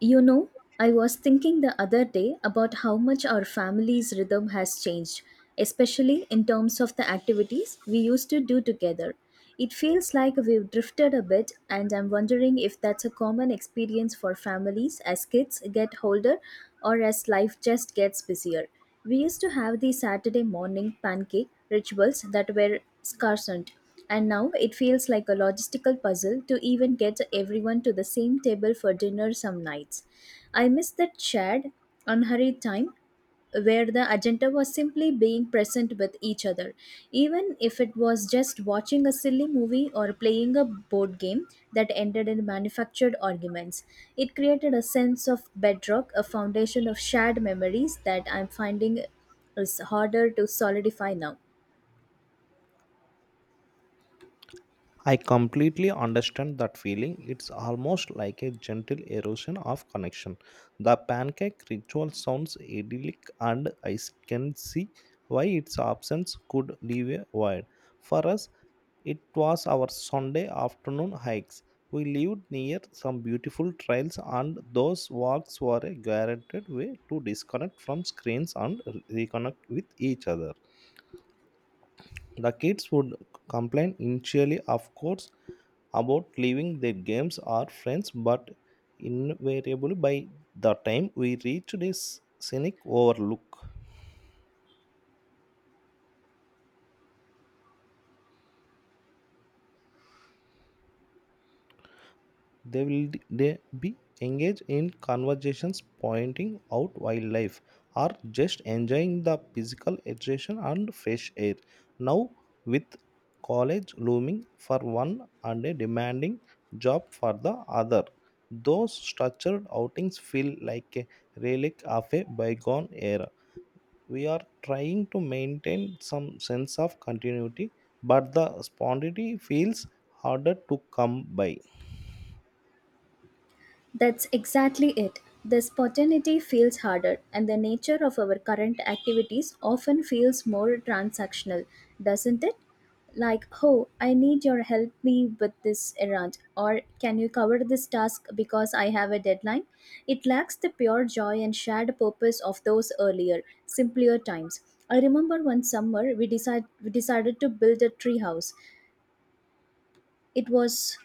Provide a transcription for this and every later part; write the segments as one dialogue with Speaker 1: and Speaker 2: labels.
Speaker 1: You know, I was thinking the other day about how much our family's rhythm has changed, especially in terms of the activities we used to do together. It feels like we've drifted a bit, and I'm wondering if that's a common experience for families as kids get older or as life just gets busier. We used to have the Saturday morning pancake rituals that were scarcent. And now it feels like a logistical puzzle to even get everyone to the same table for dinner some nights. I miss that shared, unhurried time where the agenda was simply being present with each other. Even if it was just watching a silly movie or playing a board game that ended in manufactured arguments, it created a sense of bedrock, a foundation of shared memories that I'm finding is harder to solidify now.
Speaker 2: I completely understand that feeling. It's almost like a gentle erosion of connection. The pancake ritual sounds idyllic, and I can see why its absence could leave a void. For us, it was our Sunday afternoon hikes. We lived near some beautiful trails, and those walks were a guaranteed way to disconnect from screens and reconnect with each other. The kids would complain initially, of course, about leaving their games or friends, but invariably by the time we reach this scenic overlook, they be engaged in conversations, pointing out wildlife or just enjoying the physical exertion and fresh air. Now, with college looming for one and a demanding job for the other, those structured outings feel like a relic of a bygone era. We are trying to maintain some sense of continuity, but the spontaneity feels harder to come by.
Speaker 1: That's exactly it. The spontaneity feels harder, and the nature of our current activities often feels more transactional, doesn't it? Like, oh, I need your help me with this errand, or can you cover this task because I have a deadline? It lacks the pure joy and shared purpose of those earlier, simpler times. I remember one summer we decided to build a tree house. It was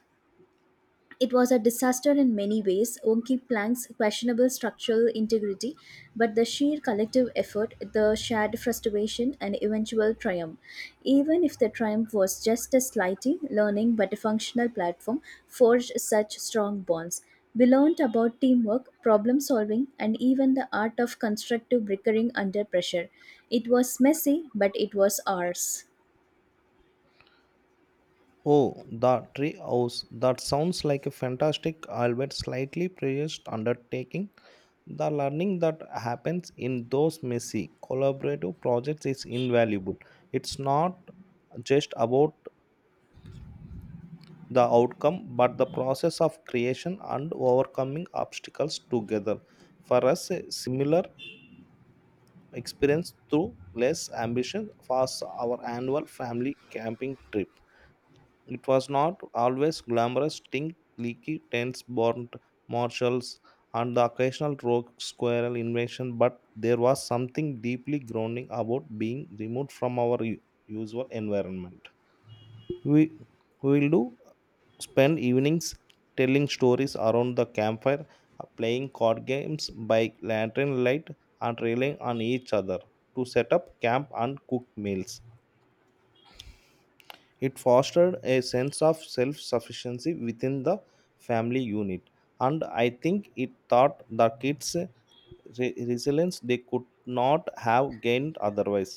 Speaker 1: it was a disaster in many ways, Wonky Plank's questionable structural integrity, but the sheer collective effort, the shared frustration, and eventual triumph. Even if the triumph was just a slightly learning but a functional platform, forged such strong bonds. We learned about teamwork, problem solving, and even the art of constructive bickering under pressure. It was messy, but it was ours.
Speaker 2: Oh, the tree house. That sounds like a fantastic, albeit slightly precious undertaking. The learning that happens in those messy collaborative projects is invaluable. It's not just about the outcome, but the process of creation and overcoming obstacles together. For us, a similar experience through less ambition was our annual family camping trip. It was not always glamorous, stink, leaky tents, burnt marshals, and the occasional rogue squirrel invasion, but there was something deeply grounding about being removed from our usual environment. We we will do spend evenings telling stories around the campfire, playing card games by lantern light and relying on each other to set up camp and cook meals. It fostered a sense of self-sufficiency within the family unit, and I think it taught the kids resilience they could not have gained otherwise.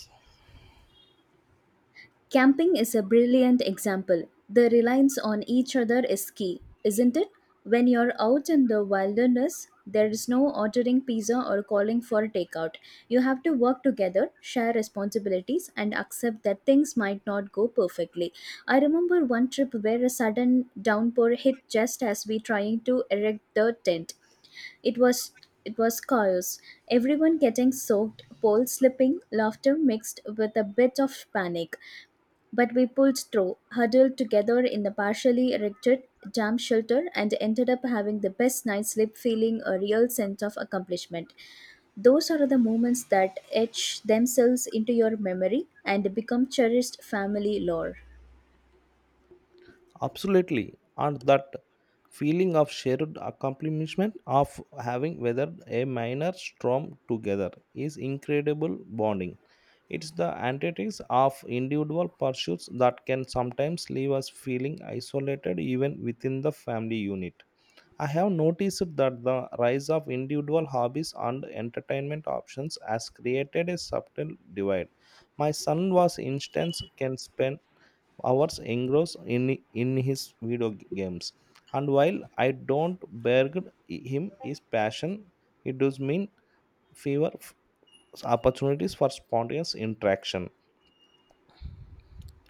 Speaker 1: Camping is a brilliant example. The reliance on each other is key, isn't it? When you're out in the wilderness, there is no ordering pizza or calling for takeout. You have to work together, share responsibilities, and accept that things might not go perfectly. I remember one trip where a sudden downpour hit just as we trying to erect the tent. It was it was chaos. Everyone getting soaked, poles slipping, laughter mixed with a bit of panic. But we pulled through, huddled together in the partially erected jam shelter, and ended up having the best night's sleep, feeling a real sense of accomplishment. Those are the moments that etch themselves into your memory and become cherished family lore.
Speaker 2: Absolutely. And that feeling of shared accomplishment of having weathered a minor storm together is incredible bonding. It's the antithesis of individual pursuits that can sometimes leave us feeling isolated even within the family unit. I have noticed that the rise of individual hobbies and entertainment options has created a subtle divide. My son, was instance, can spend hours engrossed in his video games. And while I don't begrudge him his passion, it does mean fewer opportunities for spontaneous interaction.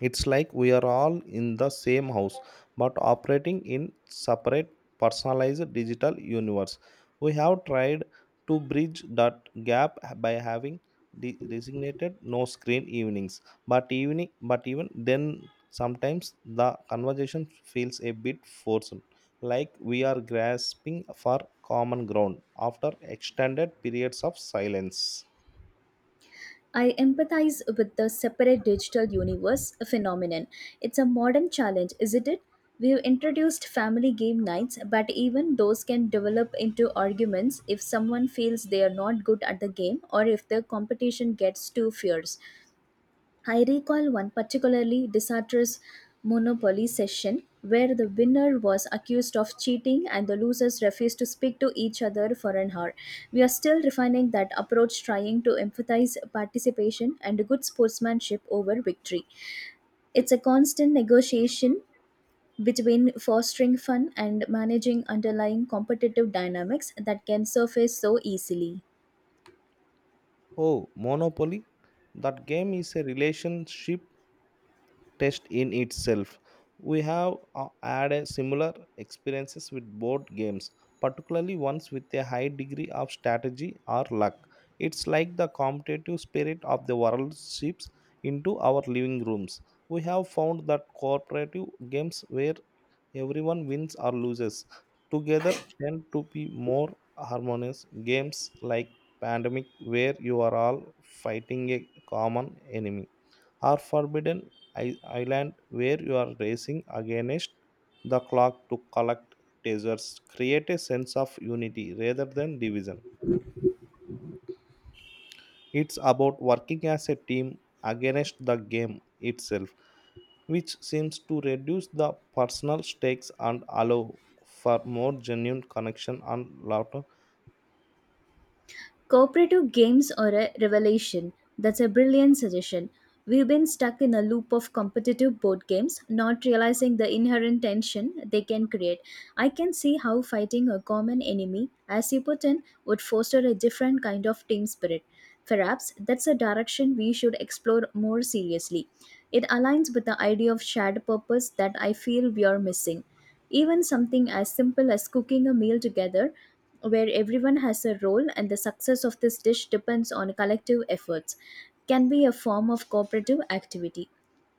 Speaker 2: It's like we are all in the same house but operating in separate personalized digital universe. We have tried to bridge that gap by having designated no screen evenings, but even then sometimes the conversation feels a bit forced, like we are grasping for common ground after extended periods of silence.
Speaker 1: I empathize with the separate digital universe phenomenon. It's a modern challenge, isn't it? We've introduced family game nights, but even those can develop into arguments if someone feels they are not good at the game or if the competition gets too fierce. I recall one particularly disastrous Monopoly session where the winner was accused of cheating and the losers refused to speak to each other for an hour. We are still refining that approach, trying to emphasize participation and good sportsmanship over victory. It's a constant negotiation between fostering fun and managing underlying competitive dynamics that can surface so easily.
Speaker 2: Oh, monopoly. That game is a relationship test in itself. We have had a similar experiences with board games, particularly ones with a high degree of strategy or luck. It's like the competitive spirit of the world seeps into our living rooms. We have found that cooperative games where everyone wins or loses together tend to be more harmonious. Games like Pandemic, where you are all fighting a common enemy, or forbidden island, where you are racing against the clock to collect treasures, create a sense of unity rather than division. It's about working as a team against the game itself, which seems to reduce the personal stakes and allow for more genuine connection and laughter.
Speaker 1: Cooperative games are a revelation. That's a brilliant suggestion. We've been stuck in a loop of competitive board games, not realizing the inherent tension they can create. I can see how fighting a common enemy, as important, would foster a different kind of team spirit. Perhaps that's a direction we should explore more seriously. It aligns with the idea of shared purpose that I feel we are missing. Even something as simple as cooking a meal together where everyone has a role and the success of this dish depends on collective efforts, can be a form of cooperative activity.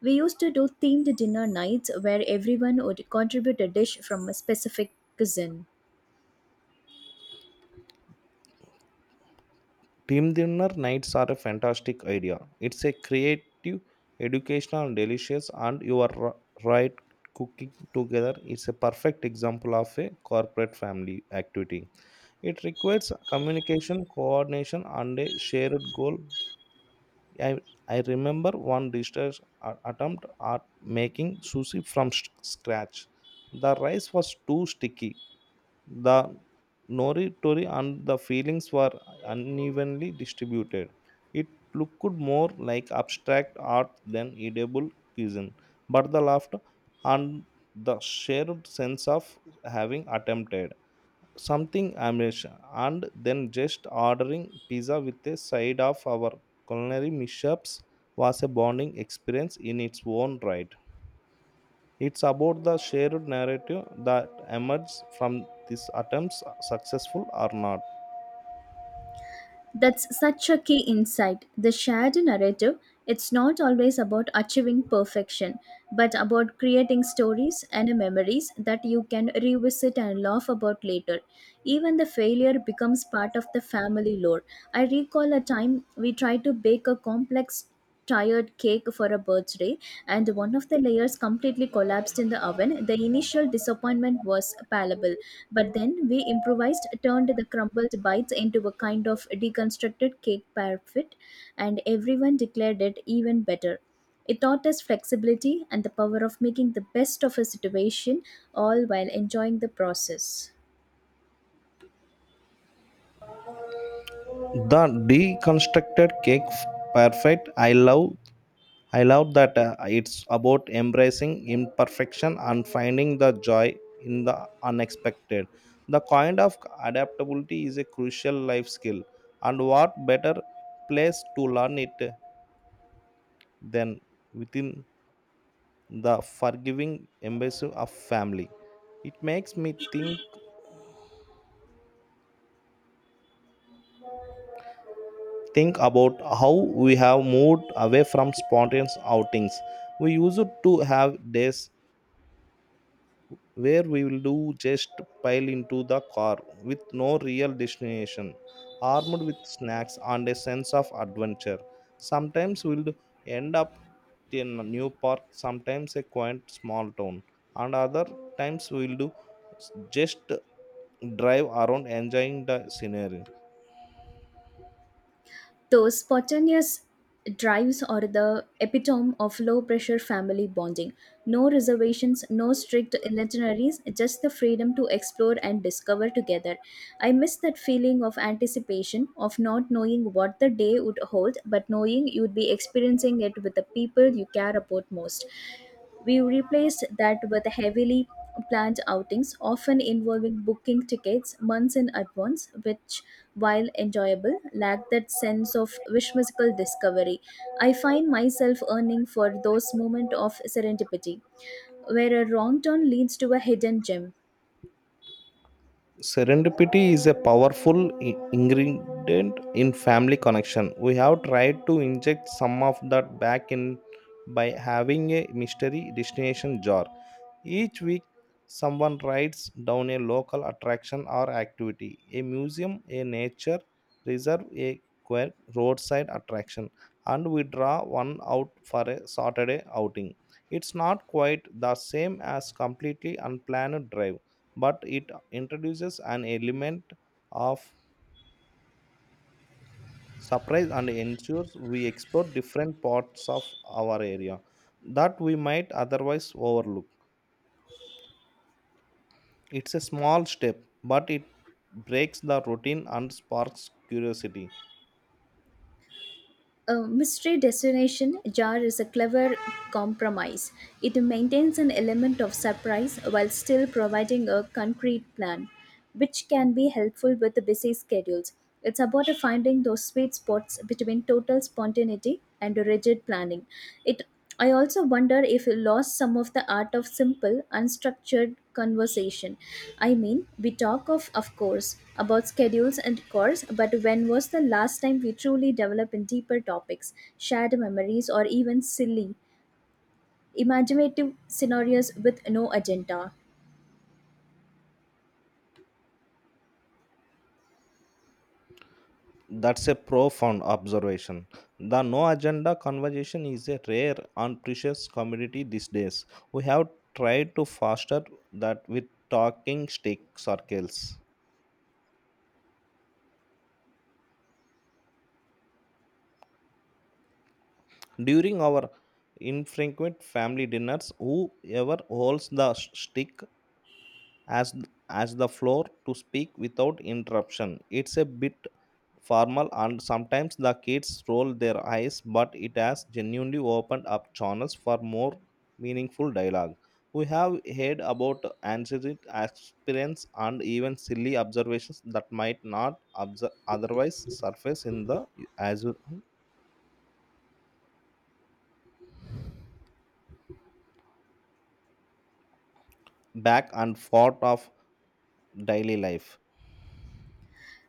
Speaker 1: We used to do themed dinner nights where everyone would contribute a dish from a specific cuisine.
Speaker 2: Team dinner nights are a fantastic idea. It's a creative, educational, and delicious, and you are right, cooking together. It's a perfect example of a corporate family activity. It requires communication, coordination, and a shared goal. I, I remember one disaster attempt at making sushi from scratch. The rice was too sticky, the noritori and the feelings were unevenly distributed. It looked more like abstract art than edible cuisine, but the laughter and the shared sense of having attempted something Amish and then just ordering pizza with a side of our culinary mishaps was a bonding experience in its own right. It's about the shared narrative that emerges from these attempts, successful or not.
Speaker 1: That's such a key insight. The shared narrative, it's not always about achieving perfection, but about creating stories and memories that you can revisit and laugh about later. Even the failure becomes part of the family lore. I recall a time we tried to bake a complex tired cake for a birthday and one of the layers completely collapsed in the oven. The initial disappointment was palpable, but then we improvised, turned the crumbled bites into a kind of deconstructed cake parfit, and everyone declared it even better. It taught us flexibility and the power of making the best of a situation, all while enjoying the process.
Speaker 2: The deconstructed cake perfect. I love that, it's about embracing imperfection and finding the joy in the unexpected. The kind of adaptability is a crucial life skill, and what better place to learn it than within the forgiving embrace of family? It makes me think about how we have moved away from spontaneous outings. We used to have days where we will do just pile into the car with no real destination, armed with snacks and a sense of adventure. Sometimes we'll end up in a new park, sometimes a quaint small town, and other times we'll do just drive around enjoying the scenery.
Speaker 1: Those spontaneous drives are the epitome of low pressure family bonding. No reservations, no strict itineraries, just the freedom to explore and discover together. I miss that feeling of anticipation, of not knowing what the day would hold, but knowing you'd be experiencing it with the people you care about most. We replaced that with heavily planned outings, often involving booking tickets months in advance, which, while enjoyable, lacked that sense of wish musical discovery. I find myself yearning for those moments of serendipity, where a wrong turn leads to a hidden gem.
Speaker 2: Serendipity is a powerful ingredient in family connection. We have tried to inject some of that back in by having a mystery destination jar. Each week, someone writes down a local attraction or activity, a museum, a nature reserve, a quirk, roadside attraction, and we draw one out for a Saturday outing. It's not quite the same as completely unplanned drive, but it introduces an element of surprise and ensures we explore different parts of our area that we might otherwise overlook. It's a small step, but it breaks the routine and sparks curiosity.
Speaker 1: A mystery destination jar is a clever compromise. It maintains an element of surprise while still providing a concrete plan, which can be helpful with busy schedules. It's about finding those sweet spots between total spontaneity and rigid planning. It I also wonder if we lost some of the art of simple, unstructured conversation. I mean, we talk of course, about schedules and chores, but when was the last time we truly developed in deeper topics, shared memories, or even silly, imaginative scenarios with no agenda?
Speaker 2: That's a profound observation. The no agenda conversation is a rare and precious commodity these days. We have tried to foster that with talking stick circles. During our infrequent family dinners, whoever holds the stick as as the floor to speak without interruption. It's a bit formal and sometimes the kids roll their eyes, but it has genuinely opened up channels for more meaningful dialogue. We have heard about anxiety experience and even silly observations that might not otherwise surface in the as back and forth of daily life.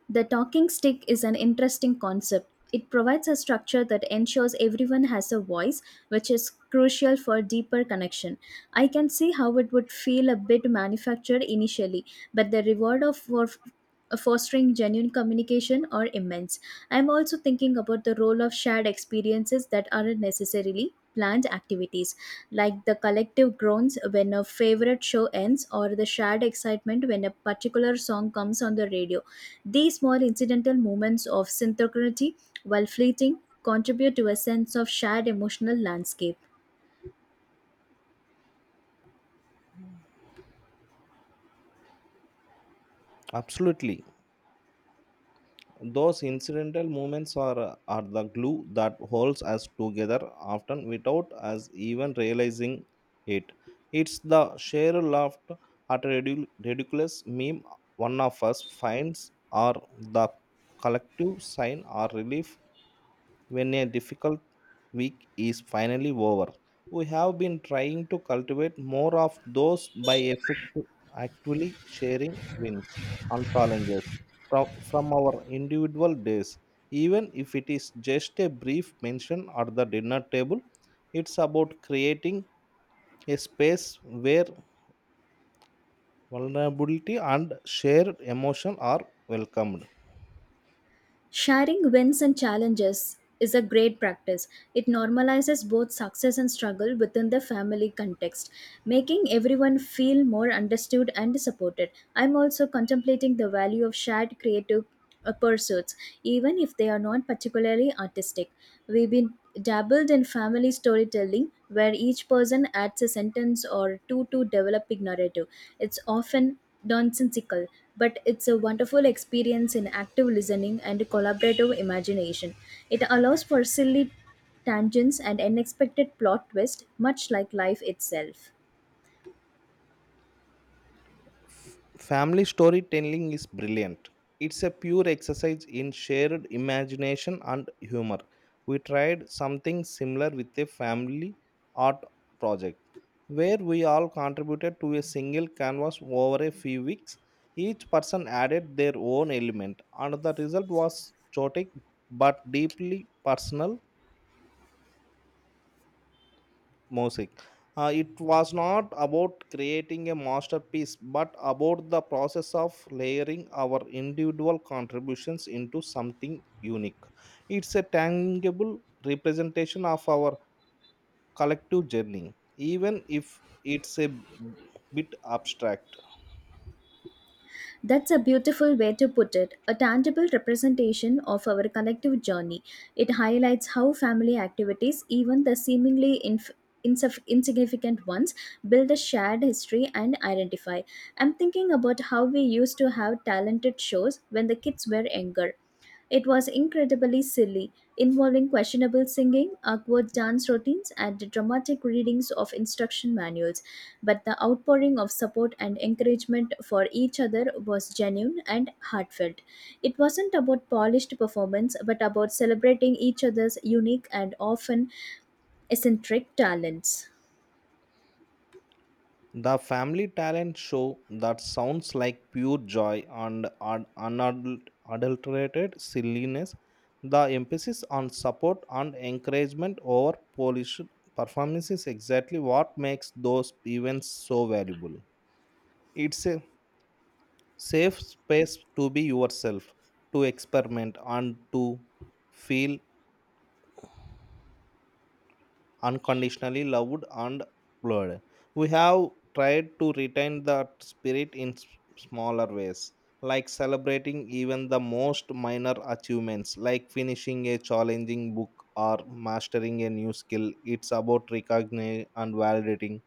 Speaker 1: The talking stick is an interesting concept. It provides a structure that ensures everyone has a voice, which is crucial for deeper connection. I can see how it would feel a bit manufactured initially, but the reward of for fostering genuine communication are immense. I'm also thinking about the role of shared experiences that aren't necessarily planned activities, like the collective groans when a favorite show ends or the shared excitement when a particular song comes on the radio. These small incidental moments of synchronicity, while fleeting, contribute to a sense of shared emotional landscape.
Speaker 2: Absolutely. Those incidental movements are the glue that holds us together, often without us even realizing it. It's the sheer laughter at a ridiculous meme one of us finds, or the collective sign or relief when a difficult week is finally over. We have been trying to cultivate more of those by actually sharing wins and challenges from our individual days. Even if it is just a brief mention at the dinner table, it's about creating a space where vulnerability and shared emotion are welcomed.
Speaker 1: Sharing wins and challenges is a great practice. It normalizes both success and struggle within the family context, making everyone feel more understood and supported. I'm also contemplating the value of shared creative pursuits, even if they are not particularly artistic. We've been dabbled in family storytelling, where each person adds a sentence or two to developing narrative. It's often nonsensical, but it's a wonderful experience in active listening and collaborative imagination. It allows for silly tangents and unexpected plot twists, much like life itself.
Speaker 2: F- Family storytelling is brilliant. It's a pure exercise in shared imagination and humor. We tried something similar with a family art project where we all contributed to a single canvas over a few weeks. Each person added their own element, and the result was chaotic but deeply personal music. It was not about creating a masterpiece, but about the process of layering our individual contributions into something unique. It's a tangible representation of our collective journey, even if it's a bit abstract.
Speaker 1: That's a beautiful way to put it, a tangible representation of our collective journey. It highlights how family activities, even the seemingly insignificant ones, build a shared history and identify. I'm thinking about how we used to have talented shows when the kids were younger. It was incredibly silly, involving questionable singing, awkward dance routines, and dramatic readings of instruction manuals, but the outpouring of support and encouragement for each other was genuine and heartfelt. It wasn't about polished performance, but about celebrating each other's unique and often eccentric talents.
Speaker 2: The family talent show, that sounds like pure joy and unadulterated silliness. The emphasis on support and encouragement over polish performance is exactly what makes those events so valuable. It's a safe space to be yourself, to experiment, and to feel unconditionally loved and blurred. We have tried to retain that spirit in smaller ways, like celebrating even the most minor achievements, like finishing a challenging book or mastering a new skill. It's about recognizing and validating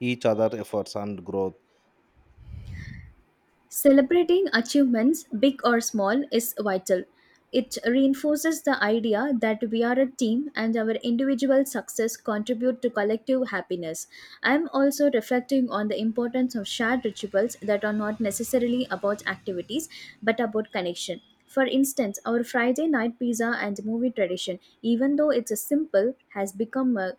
Speaker 2: each other's efforts and growth.
Speaker 1: Celebrating achievements, big or small, is vital. It reinforces the idea that we are a team and our individual success contribute to collective happiness. I am also reflecting on the importance of shared rituals that are not necessarily about activities but about connection. For instance, our Friday night pizza and movie tradition, even though it's a simple, has become a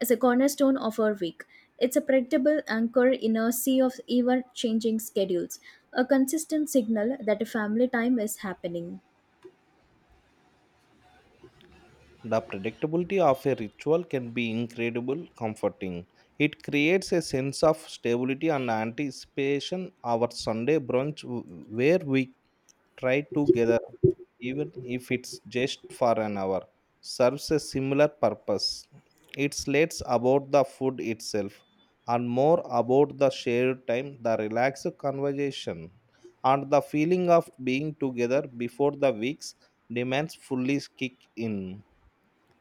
Speaker 1: is a cornerstone of our week. It's a predictable anchor in a sea of ever changing schedules, a consistent signal that a family time is happening.
Speaker 2: The predictability of a ritual can be incredible comforting. It creates a sense of stability and anticipation. Our Sunday brunch, w- where we try together, even if it's just for an hour, serves a similar purpose. It's less about the food itself and more about the shared time, the relaxed conversation, and the feeling of being together before the weeks demands fully kick in.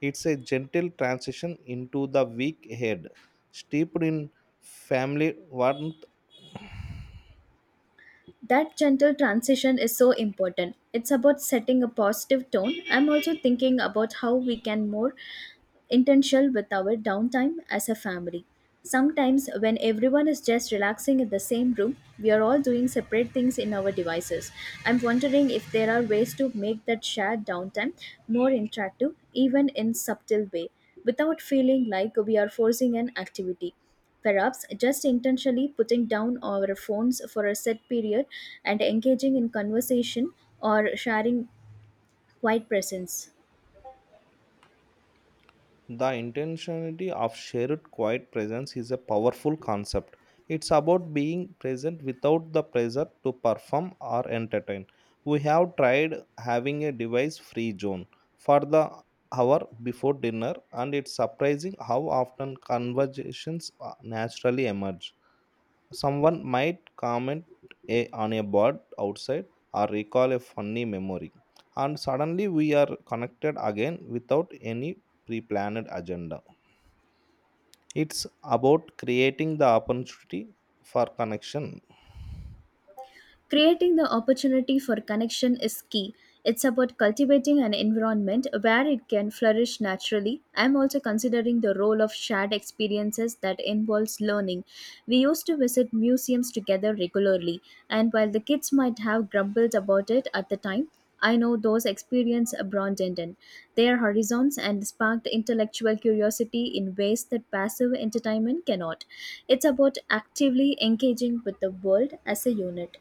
Speaker 2: It's a gentle transition into the week ahead, steeped in family warmth.
Speaker 1: That gentle transition is so important. It's about setting a positive tone. I'm also thinking about how we can more intentional with our downtime as a family. Sometimes, when everyone is just relaxing in the same room, we are all doing separate things in our devices. I'm wondering if there are ways to make that shared downtime more interactive, even in subtle way, without feeling like we are forcing an activity. Perhaps just intentionally putting down our phones for a set period and engaging in conversation or sharing quiet presence.
Speaker 2: The intentionality of shared quiet presence is a powerful concept. It's about being present without the pressure to perform or entertain. We have tried having a device free zone for the hour before dinner, and it's surprising how often conversations naturally emerge. Someone might comment a, on a bird outside or recall a funny memory, and suddenly we are connected again without any pre planned agenda. It's about creating the opportunity for connection.
Speaker 1: Creating the opportunity for connection is key. It's about cultivating an environment where it can flourish naturally. I'm also considering the role of shared experiences that involves learning. We used to visit museums together regularly, and while the kids might have grumbled about it at the time, I know those experiences broadened in their horizons and sparked intellectual curiosity in ways that passive entertainment cannot. It's about actively engaging with the world as a unit.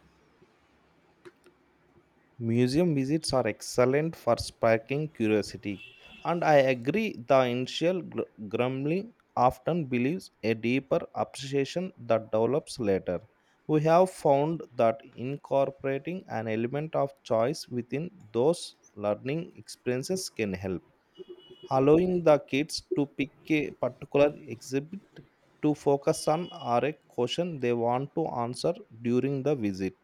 Speaker 2: Museum visits are excellent for sparking curiosity, and I agree the initial grumbling often believes a deeper appreciation that develops later. We have found that incorporating an element of choice within those learning experiences can help, allowing the kids to pick a particular exhibit to focus on or a question they want to answer during the visit,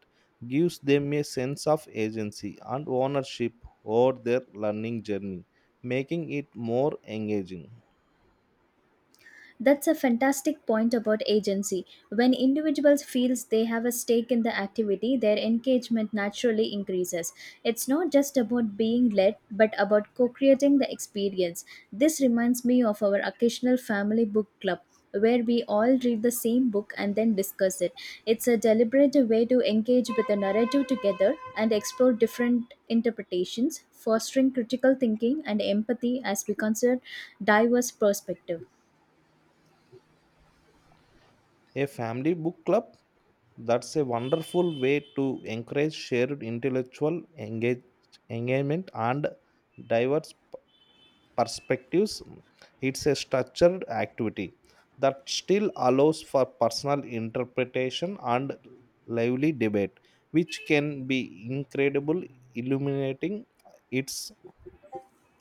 Speaker 2: gives them a sense of agency and ownership over their learning journey, making it more engaging.
Speaker 1: That's a fantastic point about agency. When individuals feels they have a stake in the activity, their engagement naturally increases. It's not just about being led, but about co-creating the experience. This reminds me of our occasional family book club where we all read the same book and then discuss it. It's a deliberate way to engage with the narrative together and explore different interpretations, fostering critical thinking and empathy as we consider diverse perspective.
Speaker 2: A family book club, that's a wonderful way to encourage shared intellectual engagement and diverse perspectives. It's a structured activity that still allows for personal interpretation and lively debate, which can be incredible, illuminating. It's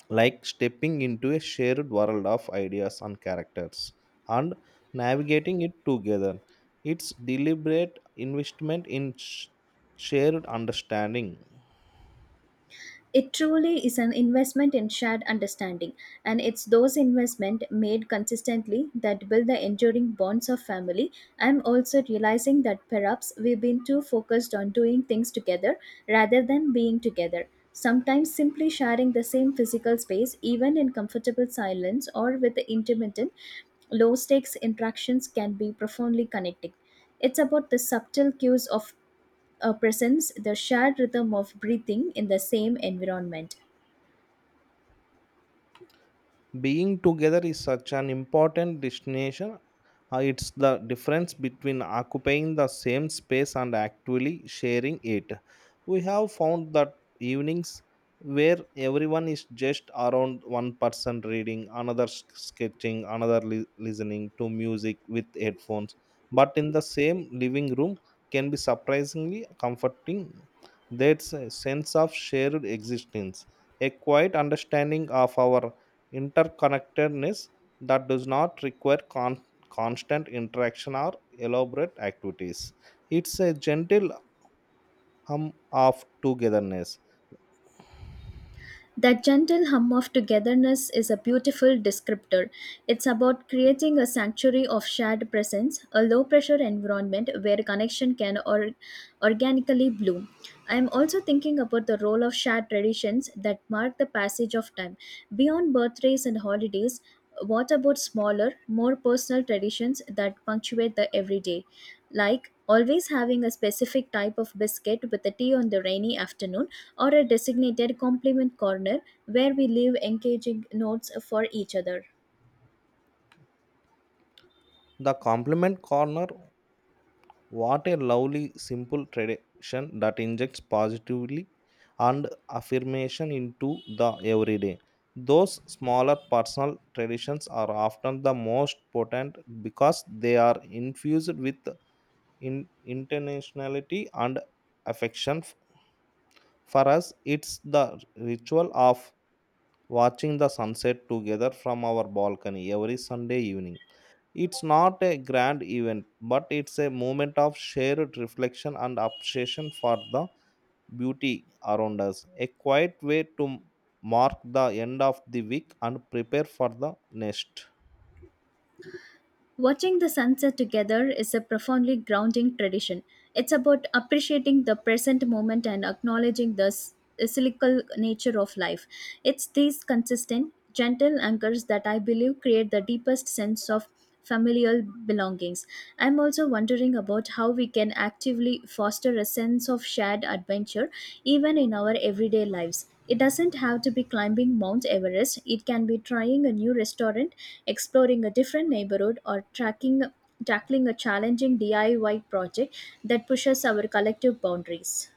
Speaker 2: like stepping into a shared world of ideas and characters and navigating it together. It's deliberate investment in shared understanding.
Speaker 1: It truly is an investment in shared understanding, and it's those investments made consistently that build the enduring bonds of family. I'm also realizing that perhaps we've been too focused on doing things together rather than being together. Sometimes simply sharing the same physical space, even in comfortable silence or with the intermittent low stakes interactions, can be profoundly connecting. It's about the subtle cues of presence, the shared rhythm of breathing in the same environment.
Speaker 2: Being together is such an important destination. It's the difference between occupying the same space and actually sharing it. We have found that evenings where everyone is just around one person reading, another sketching, another listening to music with headphones, but in the same living room can be surprisingly comforting. That's a sense of shared existence, a quiet understanding of our interconnectedness that does not require constant interaction or elaborate activities. It's a gentle hum of togetherness.
Speaker 1: That gentle hum of togetherness is a beautiful descriptor. It's about creating a sanctuary of shared presence, a low pressure environment where connection can organically bloom. I am also thinking about the role of shared traditions that mark the passage of time. Beyond birthdays and holidays, what about smaller, more personal traditions that punctuate the everyday? Like always having a specific type of biscuit with a tea on the rainy afternoon, or a designated compliment corner where we leave engaging notes for each other.
Speaker 2: The compliment corner, what a lovely, simple tradition that injects positively and affirmation into the everyday. Those smaller personal traditions are often the most potent because they are infused with intentionality and affection. For us, it's the ritual of watching the sunset together from our balcony every Sunday evening. It's not a grand event, but it's a moment of shared reflection and appreciation for the beauty around us. A quiet way to mark the end of the week and prepare for the next.
Speaker 1: Watching the sunset together is a profoundly grounding tradition. It's about appreciating the present moment and acknowledging the cyclical nature of life. It's these consistent, gentle anchors that I believe create the deepest sense of familial belongings. I'm also wondering about how we can actively foster a sense of shared adventure even in our everyday lives. It doesn't have to be climbing Mount Everest, it can be trying a new restaurant, exploring a different neighborhood, or tackling a challenging DIY project that pushes our collective boundaries.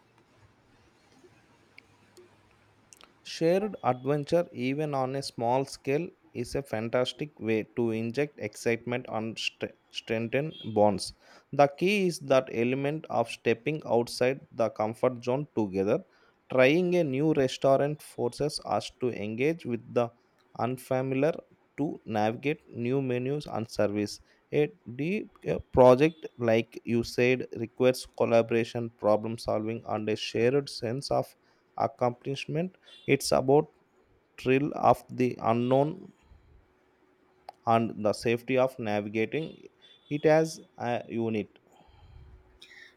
Speaker 2: Shared adventure, even on a small scale, is a fantastic way to inject excitement and strengthen bonds. The key is that element of stepping outside the comfort zone together. Trying a new restaurant forces us to engage with the unfamiliar, to navigate new menus and service. A deep a project, like you said, requires collaboration, problem solving, and a shared sense of accomplishment. It's about thrill of the unknown and the safety of navigating it as a unit.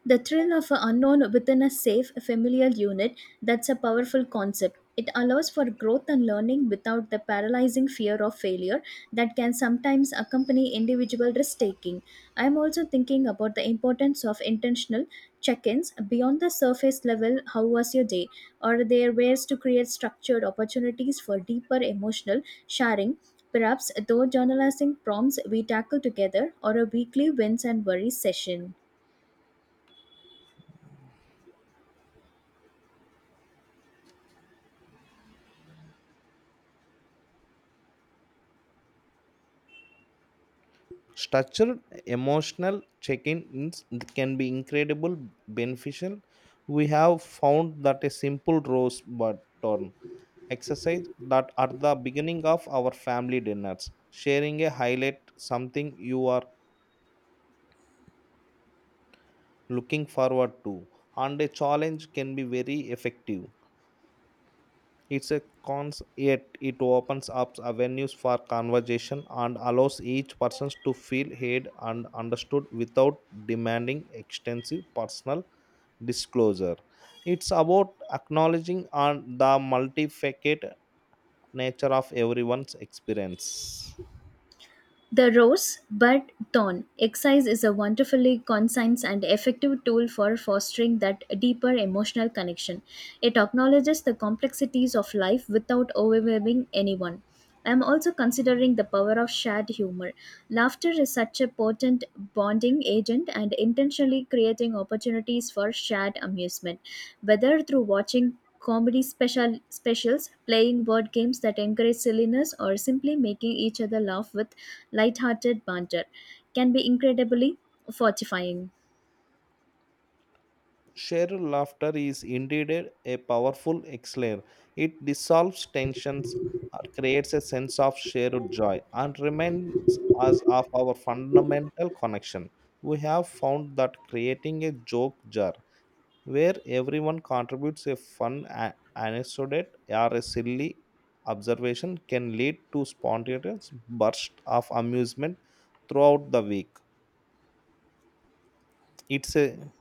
Speaker 1: The thrill of an unknown within a safe, familiar unit, that's a powerful concept. It allows for growth and learning without the paralyzing fear of failure that can sometimes accompany individual risk taking. I'm also thinking about the importance of intentional check ins beyond the surface level. How was your day? Are there ways to create structured opportunities for deeper emotional sharing? Perhaps through journalizing prompts we tackle together, or a weekly wins and worries session.
Speaker 2: Structured emotional check-ins can be incredible beneficial. We have found that a simple rose button exercise that at the beginning of our family dinners, sharing a highlight, something you are looking forward to, and a challenge can be very effective. It's a cons, yet it opens up avenues for conversation and allows each person to feel heard and understood without demanding extensive personal disclosure. It's about acknowledging and the multifaceted nature of everyone's experience.
Speaker 1: The rose bud thorn exercise is a wonderfully concise and effective tool for fostering that deeper emotional connection. It acknowledges the complexities of life without overwhelming anyone. I am also considering the power of shared humor. Laughter is such a potent bonding agent, and intentionally creating opportunities for shared amusement, whether through watching comedy specials, playing board games that encourage silliness, or simply making each other laugh with lighthearted banter, can be incredibly fortifying.
Speaker 2: Shared laughter is indeed a powerful elixir. It dissolves tensions, creates a sense of shared joy, and reminds us of our fundamental connection. We have found that creating a joke jar where everyone contributes a fun anecdote or a silly observation can lead to spontaneous bursts of amusement throughout the week. It's a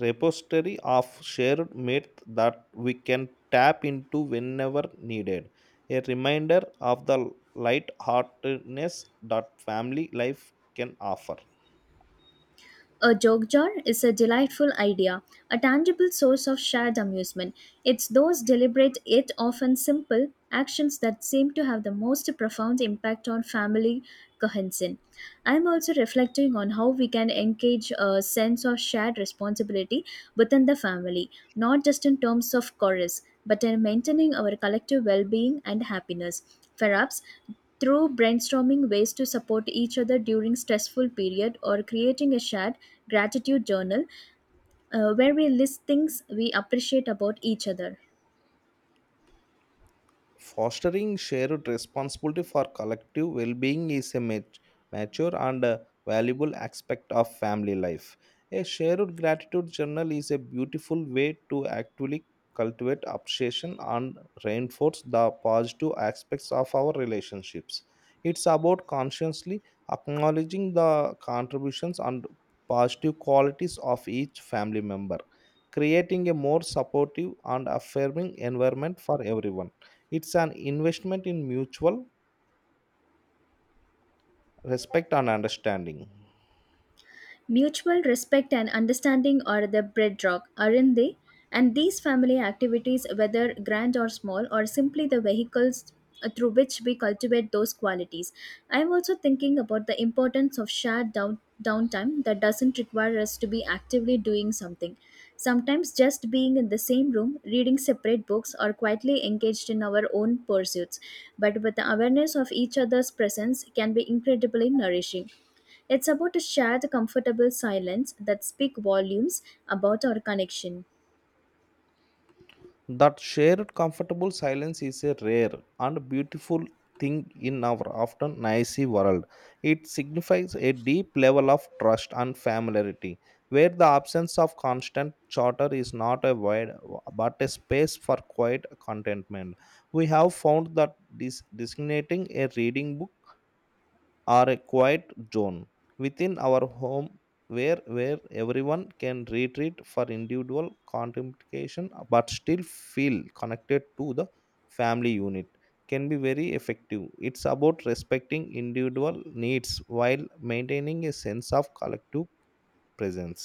Speaker 2: repository of shared myth that we can tap into whenever needed. A reminder of the light-heartedness that family life can offer.
Speaker 1: A joke jar is a delightful idea, a tangible source of shared amusement. It's those deliberate, yet often simple, actions that seem to have the most profound impact on family cohesion. I'm also reflecting on how we can engage a sense of shared responsibility within the family, not just in terms of chores, but in maintaining our collective well being and happiness. Perhaps through brainstorming ways to support each other during stressful period, or creating a shared gratitude journal, where we list things we appreciate about each other.
Speaker 2: Fostering shared responsibility for collective well being is a mature and valuable aspect of family life. A shared gratitude journal is a beautiful way to actively cultivate appreciation and reinforce the positive aspects of our relationships. It's about consciously acknowledging the contributions and positive qualities of each family member, creating a more supportive and affirming environment for everyone. It's an investment in mutual respect and understanding.
Speaker 1: Mutual respect and understanding are the bedrock, aren't they? And these family activities, whether grand or small, are simply the vehicles through which we cultivate those qualities. I'm also thinking about the importance of shared downtime that doesn't require us to be actively doing something. Sometimes just being in the same room, reading separate books, or quietly engaged in our own pursuits, but with the awareness of each other's presence, can be incredibly nourishing. It's about to share the comfortable silence that speak volumes about our connection.
Speaker 2: That shared comfortable silence is a rare and beautiful thing in our often noisy world. It signifies a deep level of trust and familiarity, where the absence of constant chatter is not a void but a space for quiet contentment. We have found that this designating a reading book or a quiet zone within our home where everyone can retreat for individual contemplation but still feel connected to the family unit can be very effective. It's about respecting individual needs while maintaining a sense of collective presence.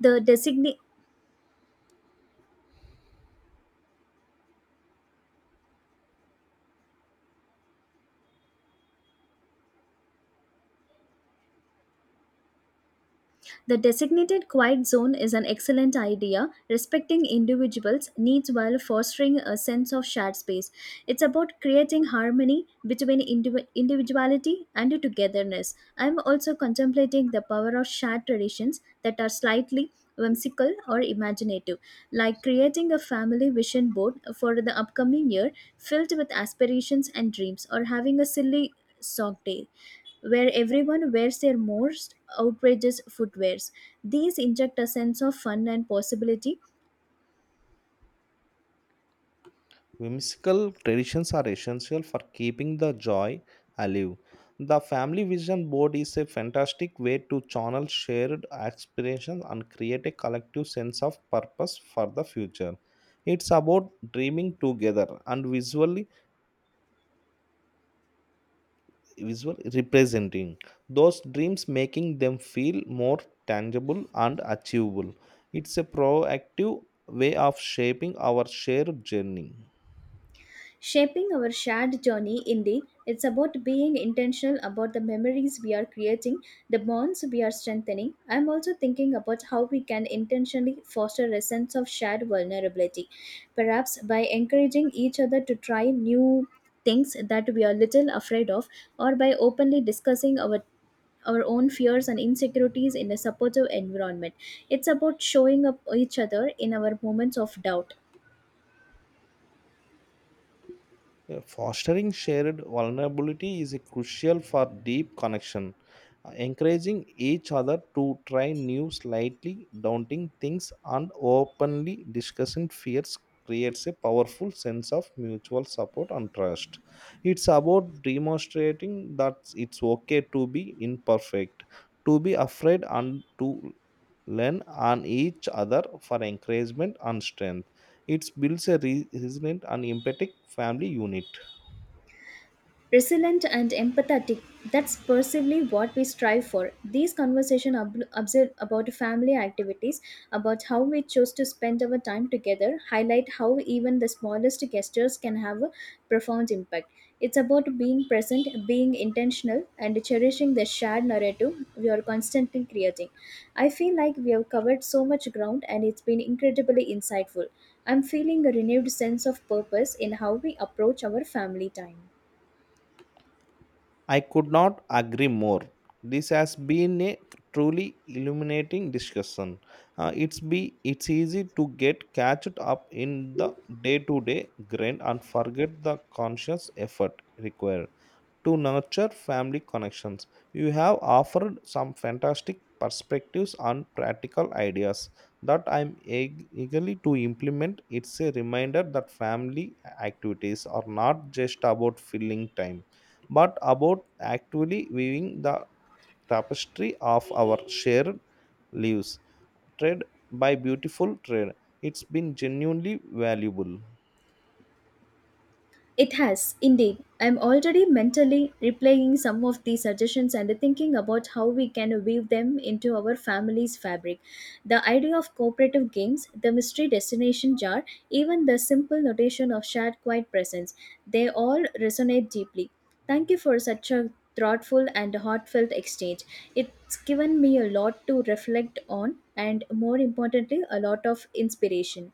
Speaker 1: The design The designated quiet zone is an excellent idea, respecting individuals' needs while fostering a sense of shared space. It's about creating harmony between individuality and togetherness. I'm also contemplating the power of shared traditions that are slightly whimsical or imaginative, like creating a family vision board for the upcoming year filled with aspirations and dreams, or having a silly sock day where everyone wears their most outrageous footwears. These inject a sense of fun and possibility.
Speaker 2: Whimsical traditions are essential for keeping the joy alive. The family vision board is a fantastic way to channel shared aspirations and create a collective sense of purpose for the future. It's about dreaming together and visually visual representing those dreams, making them feel more tangible and achievable. It's a proactive way of shaping our shared journey.
Speaker 1: Shaping our shared journey, indeed, it's about being intentional about the memories we are creating, the bonds we are strengthening. I'm also thinking about how we can intentionally foster a sense of shared vulnerability, perhaps by encouraging each other to try new things that we are little afraid of, or by openly discussing our own fears and insecurities in a supportive environment. It's about showing up each other in our moments of doubt.
Speaker 2: Yeah, fostering shared vulnerability is crucial for deep connection. Encouraging each other to try new, slightly daunting things and openly discussing fears creates a powerful sense of mutual support and trust. It's about demonstrating that it's okay to be imperfect, to be afraid, and to lean on each other for encouragement and strength. It builds a resilient and empathetic family unit.
Speaker 1: Resilient and empathetic, that's possibly what we strive for. These conversations observe about family activities, about how we choose to spend our time together, highlight how even the smallest gestures can have a profound impact. It's about being present, being intentional, and cherishing the shared narrative we are constantly creating. I feel like we have covered so much ground, and it's been incredibly insightful. I'm feeling a renewed sense of purpose in how we approach our family time.
Speaker 2: I could not agree more. This has been a truly illuminating discussion. It's easy to get catched up in the day-to-day grind and forget the conscious effort required to nurture family connections. You have offered some fantastic perspectives and practical ideas that I'm eagerly to implement. It's a reminder that family activities are not just about filling time, but about actually weaving the tapestry of our shared lives, thread by beautiful thread. It's been genuinely valuable.
Speaker 1: It has, indeed. I'm already mentally replaying some of the suggestions and thinking about how we can weave them into our family's fabric. The idea of cooperative games, the mystery destination jar, even the simple notation of shared quiet presence, they all resonate deeply. Thank you for such a thoughtful and heartfelt exchange. It's given me a lot to reflect on and, more importantly, a lot of inspiration.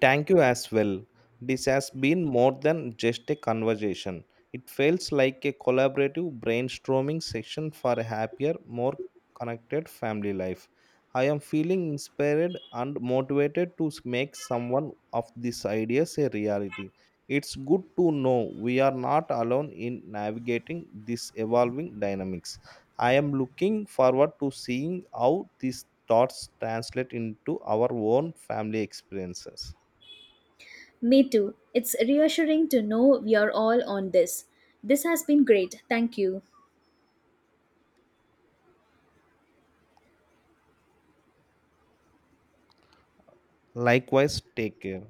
Speaker 2: Thank you as well. This has been more than just a conversation. It feels like a collaborative brainstorming session for a happier, more connected family life. I am feeling inspired and motivated to make someone of these ideas a reality. It's good to know we are not alone in navigating these evolving dynamics. I am looking forward to seeing how these thoughts translate into our own family experiences.
Speaker 1: Me too. It's reassuring to know we are all on this. This has been great. Thank you.
Speaker 2: Likewise, take care.